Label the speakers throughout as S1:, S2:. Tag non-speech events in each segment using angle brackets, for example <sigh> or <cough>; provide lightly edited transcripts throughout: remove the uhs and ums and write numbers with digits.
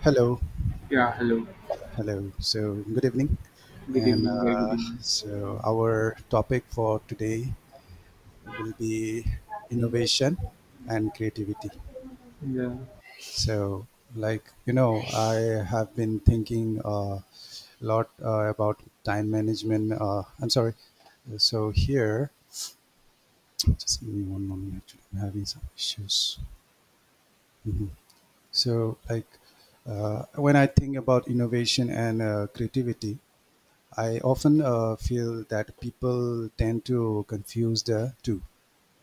S1: Hello,
S2: Yeah, hello.
S1: hello. So, good evening.
S2: Good
S1: And
S2: evening, very good
S1: uh,
S2: evening.
S1: so, our topic for today will be innovation and creativity.
S2: Yeah.
S1: So, like you know, I have been thinking a lot about time management. I'm sorry. So here, just give me one moment. Actually, I'm having some issues. Mhm. So, when I think about innovation and creativity. I often feel that people tend to confuse the two.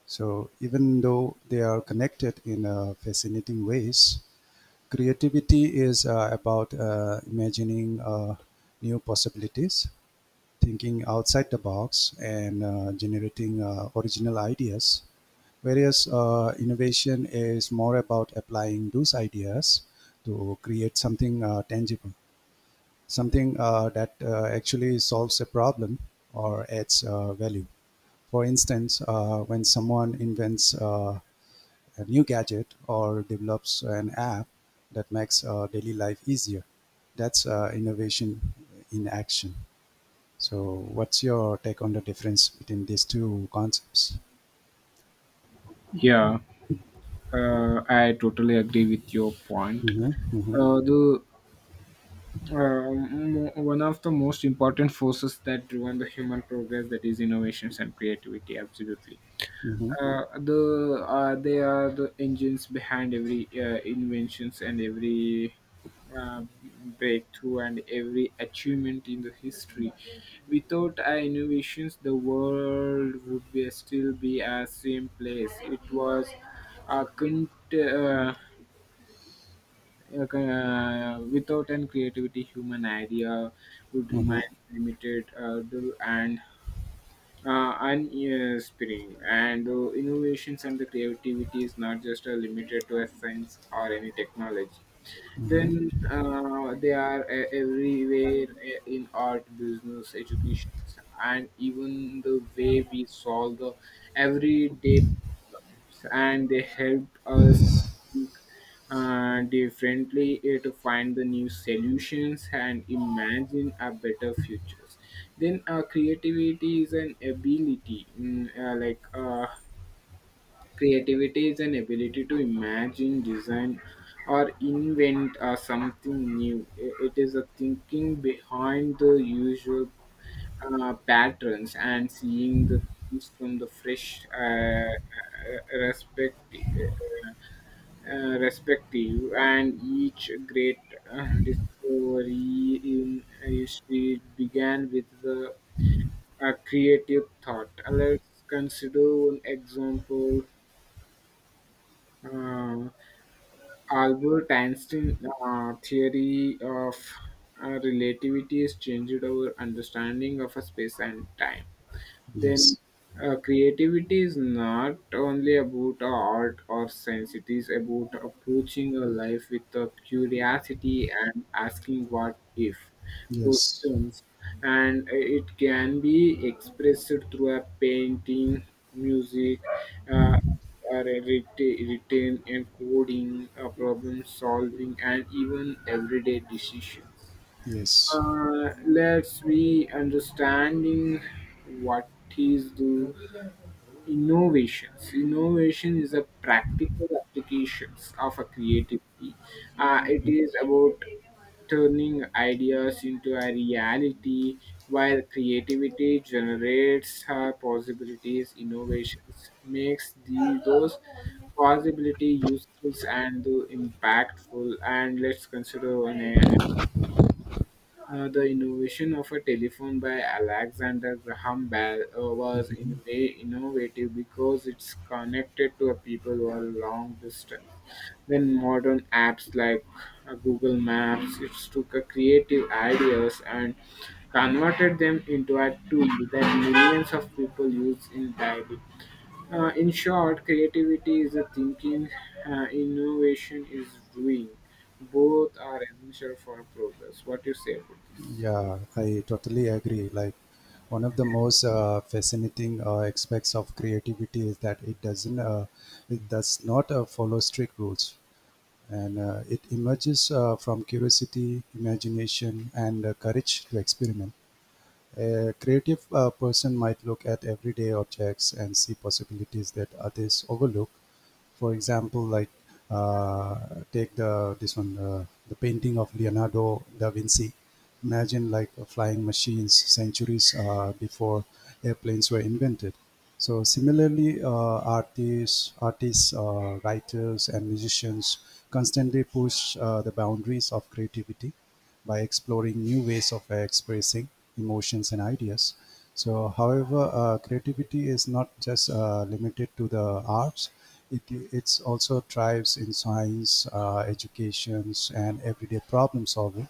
S1: So even though they are connected in fascinating ways, creativity is about imagining new possibilities, thinking outside the box, and generating original ideas. Whereas innovation is more about applying those ideas to create something tangible, something that actually solves a problem or adds value. For instance, when someone invents a new gadget or develops an app that makes daily life easier, that's innovation in action. So, what's your take on the difference between these two concepts?
S2: Yeah, I totally agree with your point.
S1: Mm-hmm, mm-hmm,
S2: The One of the most important forces that driven the human progress that is innovations and creativity. Absolutely,
S1: mm-hmm,
S2: they are the engines behind every inventions and every uh, breakthrough and every achievement in the history without our innovations the world would be still be a same place it was a con- uh, without an creativity human idea would
S1: mm-hmm,
S2: remain limited the- and spring and the innovations and the creativity is not just limited to a science or any technology
S1: mm-hmm.
S2: then they are everywhere in art, business, education, and even the way we solve the everyday problems. And they help us think differently to find the new solutions and imagine a better futures. Then Creativity is an ability, creativity is an ability to imagine, design, or invent something new. It is a thinking behind the usual patterns and seeing the things from the fresh perspective. Respective and each great discovery in history began with the a creative thought. Let's consider one example, uh, Albert Einstein theory of relativity has changed our understanding of space and time. Then
S1: Yes,
S2: Creativity is not only about art or science, it is about approaching a life with a curiosity and asking what if
S1: yes,
S2: questions, and it can be expressed through a painting, music, uh, written and coding, problem solving, and even everyday decisions.
S1: yes.
S2: Let's be understanding what is the innovations. Innovation is a practical applications of a creativity. It is about turning ideas into a reality while creativity generates her possibilities, innovations makes those possibility useful and impactful. And let's consider one, the innovation of a telephone by Alexander Graham Bell was
S1: Mm-hmm.
S2: in a way innovative because it's connected to a people over a long distance. Then modern apps like Google Maps, it took a creative ideas and converted them into a tool that millions of people use in daily. In short, creativity is a thinking, innovation is doing. Both are essential for progress. What do you say about this?
S1: Yeah, I totally agree. Like, one of the most fascinating aspects of creativity is that it does not follow strict rules, and it emerges from curiosity, imagination, and courage to experiment. A creative person might look at everyday objects and see possibilities that others overlook. For example, like uh, take the this one the painting of Leonardo da Vinci. Imagine flying machines centuries before airplanes were invented. So similarly, artists, writers, and musicians constantly push the boundaries of creativity by exploring new ways of expressing emotions and ideas. So, however, creativity is not just limited to the arts. It's also thrives in science, educations, and everyday problem solving.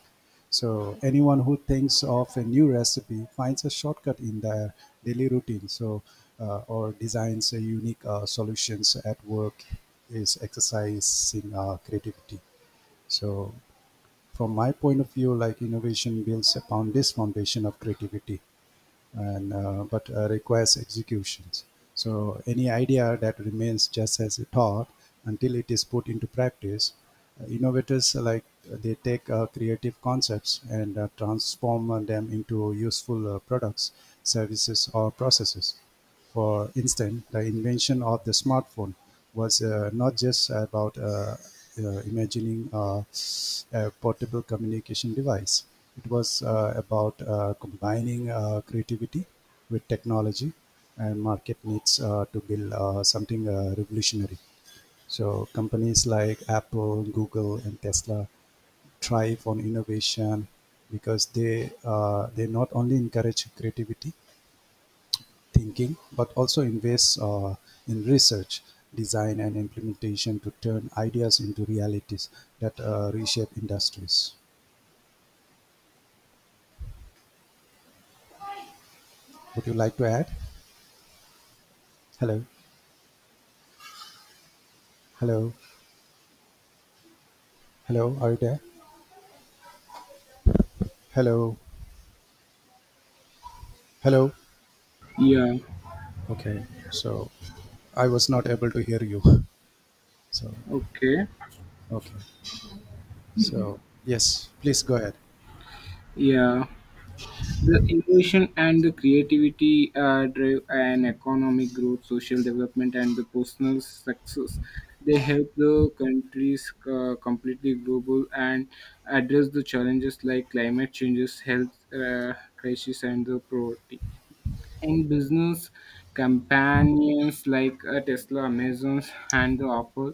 S1: So anyone who thinks of a new recipe finds a shortcut in their daily routine. So or designs a unique solutions at work is exercising creativity. So from my point of view, like innovation builds upon this foundation of creativity, and but requires executions. So any idea that remains just as a thought until it is put into practice, innovators they take creative concepts and transform them into useful products, services, or processes. For instance, the invention of the smartphone was not just about imagining a portable communication device. It was about combining creativity with technology and market needs to build something revolutionary. So companies like Apple, Google, and Tesla thrive on innovation because they not only encourage creativity thinking, but also invests in research, design, and implementation to turn ideas into realities that reshape industries. Would you like to add? Hello, hello, hello. Are you there? Hello, hello.
S2: Yeah,
S1: Okay, so I was not able to hear you. <laughs> So
S2: okay.
S1: okay, so yes, please go ahead.
S2: Yeah. The innovation and the creativity drive an economic growth, social development, and the personal success. They help the countries completely global and address the challenges like climate changes, health crisis, and the poverty. And business companions like Tesla, Amazon, and the Apple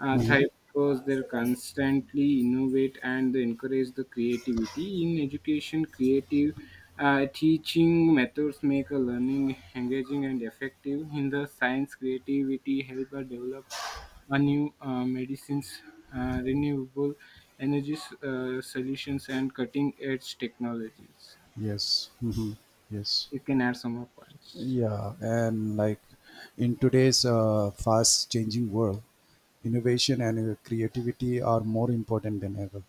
S1: Mhm.
S2: thrive because they constantly innovate and they encourage the creativity in education. Creative teaching methods make a learning engaging and effective. In the science, creativity help develops a new medicines, renewable energy solutions, and cutting edge technologies.
S1: Yes, hmm, yes.
S2: You can add some more points.
S1: Yeah, and like in today's fast changing world, innovation and creativity are more important than ever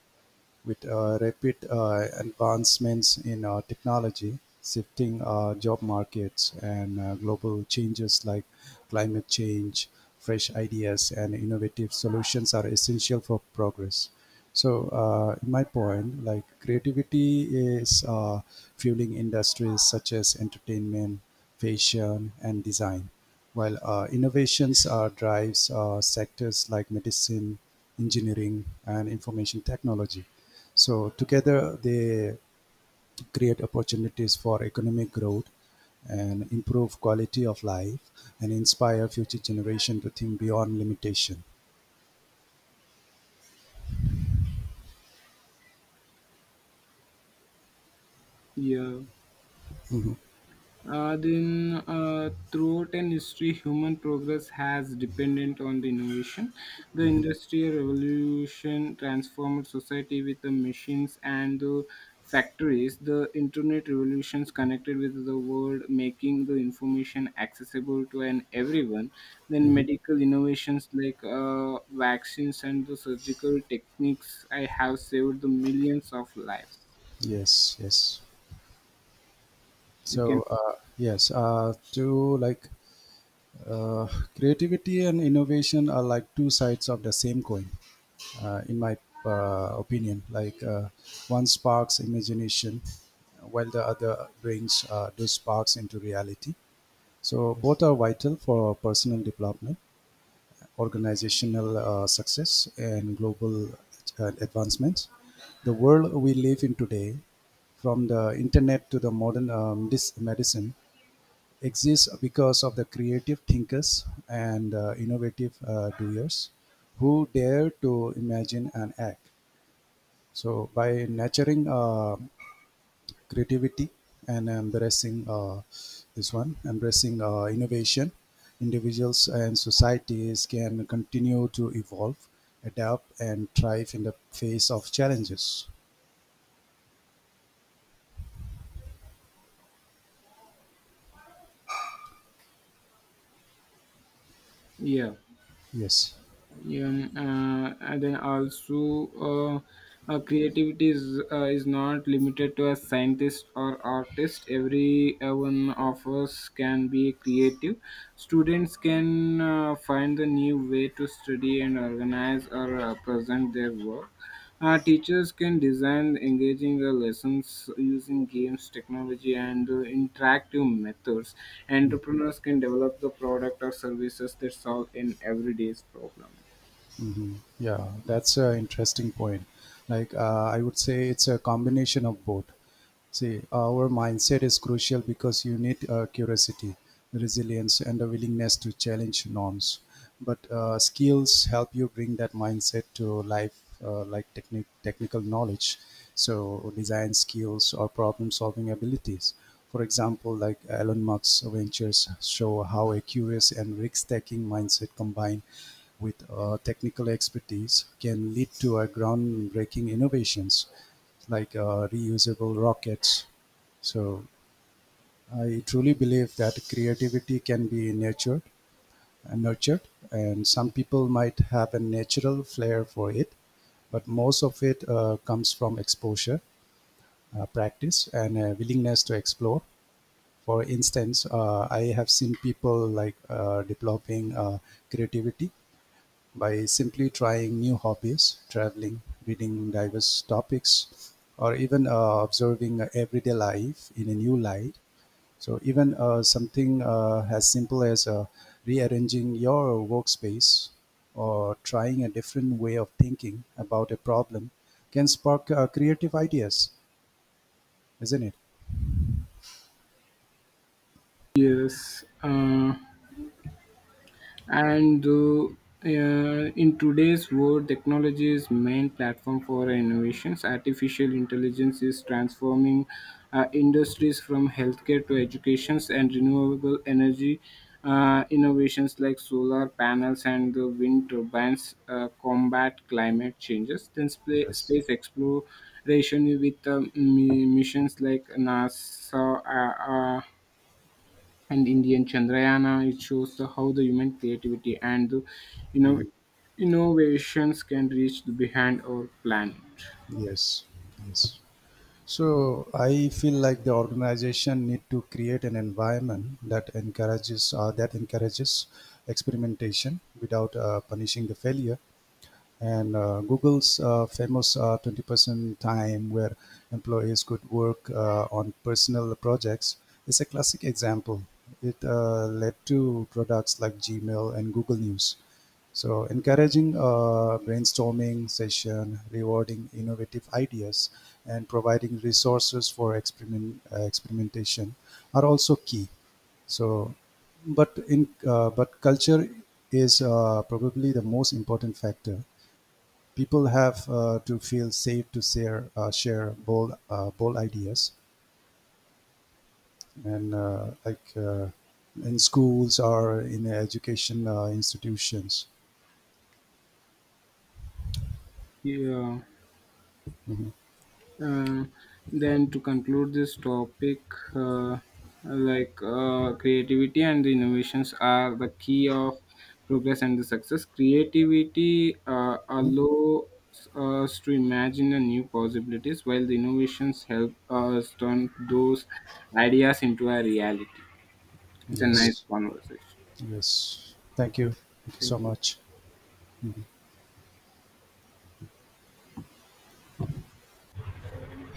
S1: with rapid advancements in technology, shifting job markets, and global changes like climate change, fresh ideas, and innovative solutions are essential for progress. So, in my point, like creativity is fueling industries such as entertainment, fashion, and design, while innovations are drives sectors like medicine, engineering, and information technology. So together they create opportunities for economic growth and improve quality of life and inspire future generation to think beyond limitation.
S2: Yeah.
S1: Mhm,
S2: Throughout an history, human progress has dependent on the innovation. The industrial revolution transformed society with the machines and the factories. The internet revolutions connected with the world, making the information accessible to an everyone. Then
S1: mhm.
S2: medical innovations like vaccines and the surgical techniques. I have saved the millions of lives.
S1: Yes, yes.
S2: You can,
S1: So yes, to like uh, creativity and innovation are like two sides of the same coin. In my opinion. One sparks imagination, while the other brings those sparks into reality. So both are vital for personal development, organizational success, and global advancements. The world we live in today, from the internet to the modern medicine, exists because of the creative thinkers and innovative doers who dare to imagine and act. So by nurturing creativity and embracing this one embracing innovation, individuals and societies can continue to evolve, adapt, and thrive in the face of challenges.
S2: yeah.
S1: Yes.
S2: Yeah, and then also, creativity is not limited to a scientist or artist. Every one of us can be creative. Students can find the new way to study and organize or present their work. Teachers can design engaging lessons using games, technology, and interactive methods. Entrepreneurs can develop the product or services that solve an everyday's problem.
S1: Yeah, that's an interesting point. Like, I would say it's a combination of both. See, our mindset is crucial because you need curiosity, resilience, and a willingness to challenge norms. But skills help you bring that mindset to life, like technical knowledge, so design skills or problem-solving abilities. For example, like Elon Musk's ventures show how a curious and risk-taking mindset combine with technical expertise can lead to a groundbreaking innovations like reusable rockets. So I truly believe that creativity can be nurtured, and some people might have a natural flair for it, but most of it comes from exposure, practice, and a willingness to explore. For instance, I have seen people developing creativity by simply trying new hobbies, traveling, reading diverse topics, or even observing everyday life in a new light. So, even something as simple as rearranging your workspace or trying a different way of thinking about a problem can spark creative ideas, isn't it?
S2: Yes, and in today's world, technology is main platform for innovations. Artificial intelligence is transforming industries from healthcare to educations and renewable energy innovations like solar panels and the wind turbines combat climate changes. Then
S1: Yes.
S2: space exploration with missions like NASA. And Indian Chandrayana. It shows the, how the human creativity and the, you know
S1: Mm,
S2: innovations can reach the behind our planet.
S1: yes. Yes. So I feel like the organization need to create an environment that encourages experimentation without punishing the failure, and Google's famous 20% time where employees could work on personal projects is a classic example. It led to products like Gmail and Google News. So, encouraging brainstorming session, rewarding innovative ideas, and providing resources for experimentation are also key. So, but culture is probably the most important factor. People have to feel safe to share share bold ideas and in schools or in education institutions.
S2: Yeah.
S1: Mhm.
S2: Uh, then to conclude this topic, uh, creativity and innovations are the key of progress and the success. Creativity
S1: Mhm.
S2: allows us to imagine the new possibilities, while the innovations help us turn those ideas into a reality. It's a nice
S1: Yes.
S2: conversation.
S1: Yes, thank you, thank you
S2: Thank
S1: so much.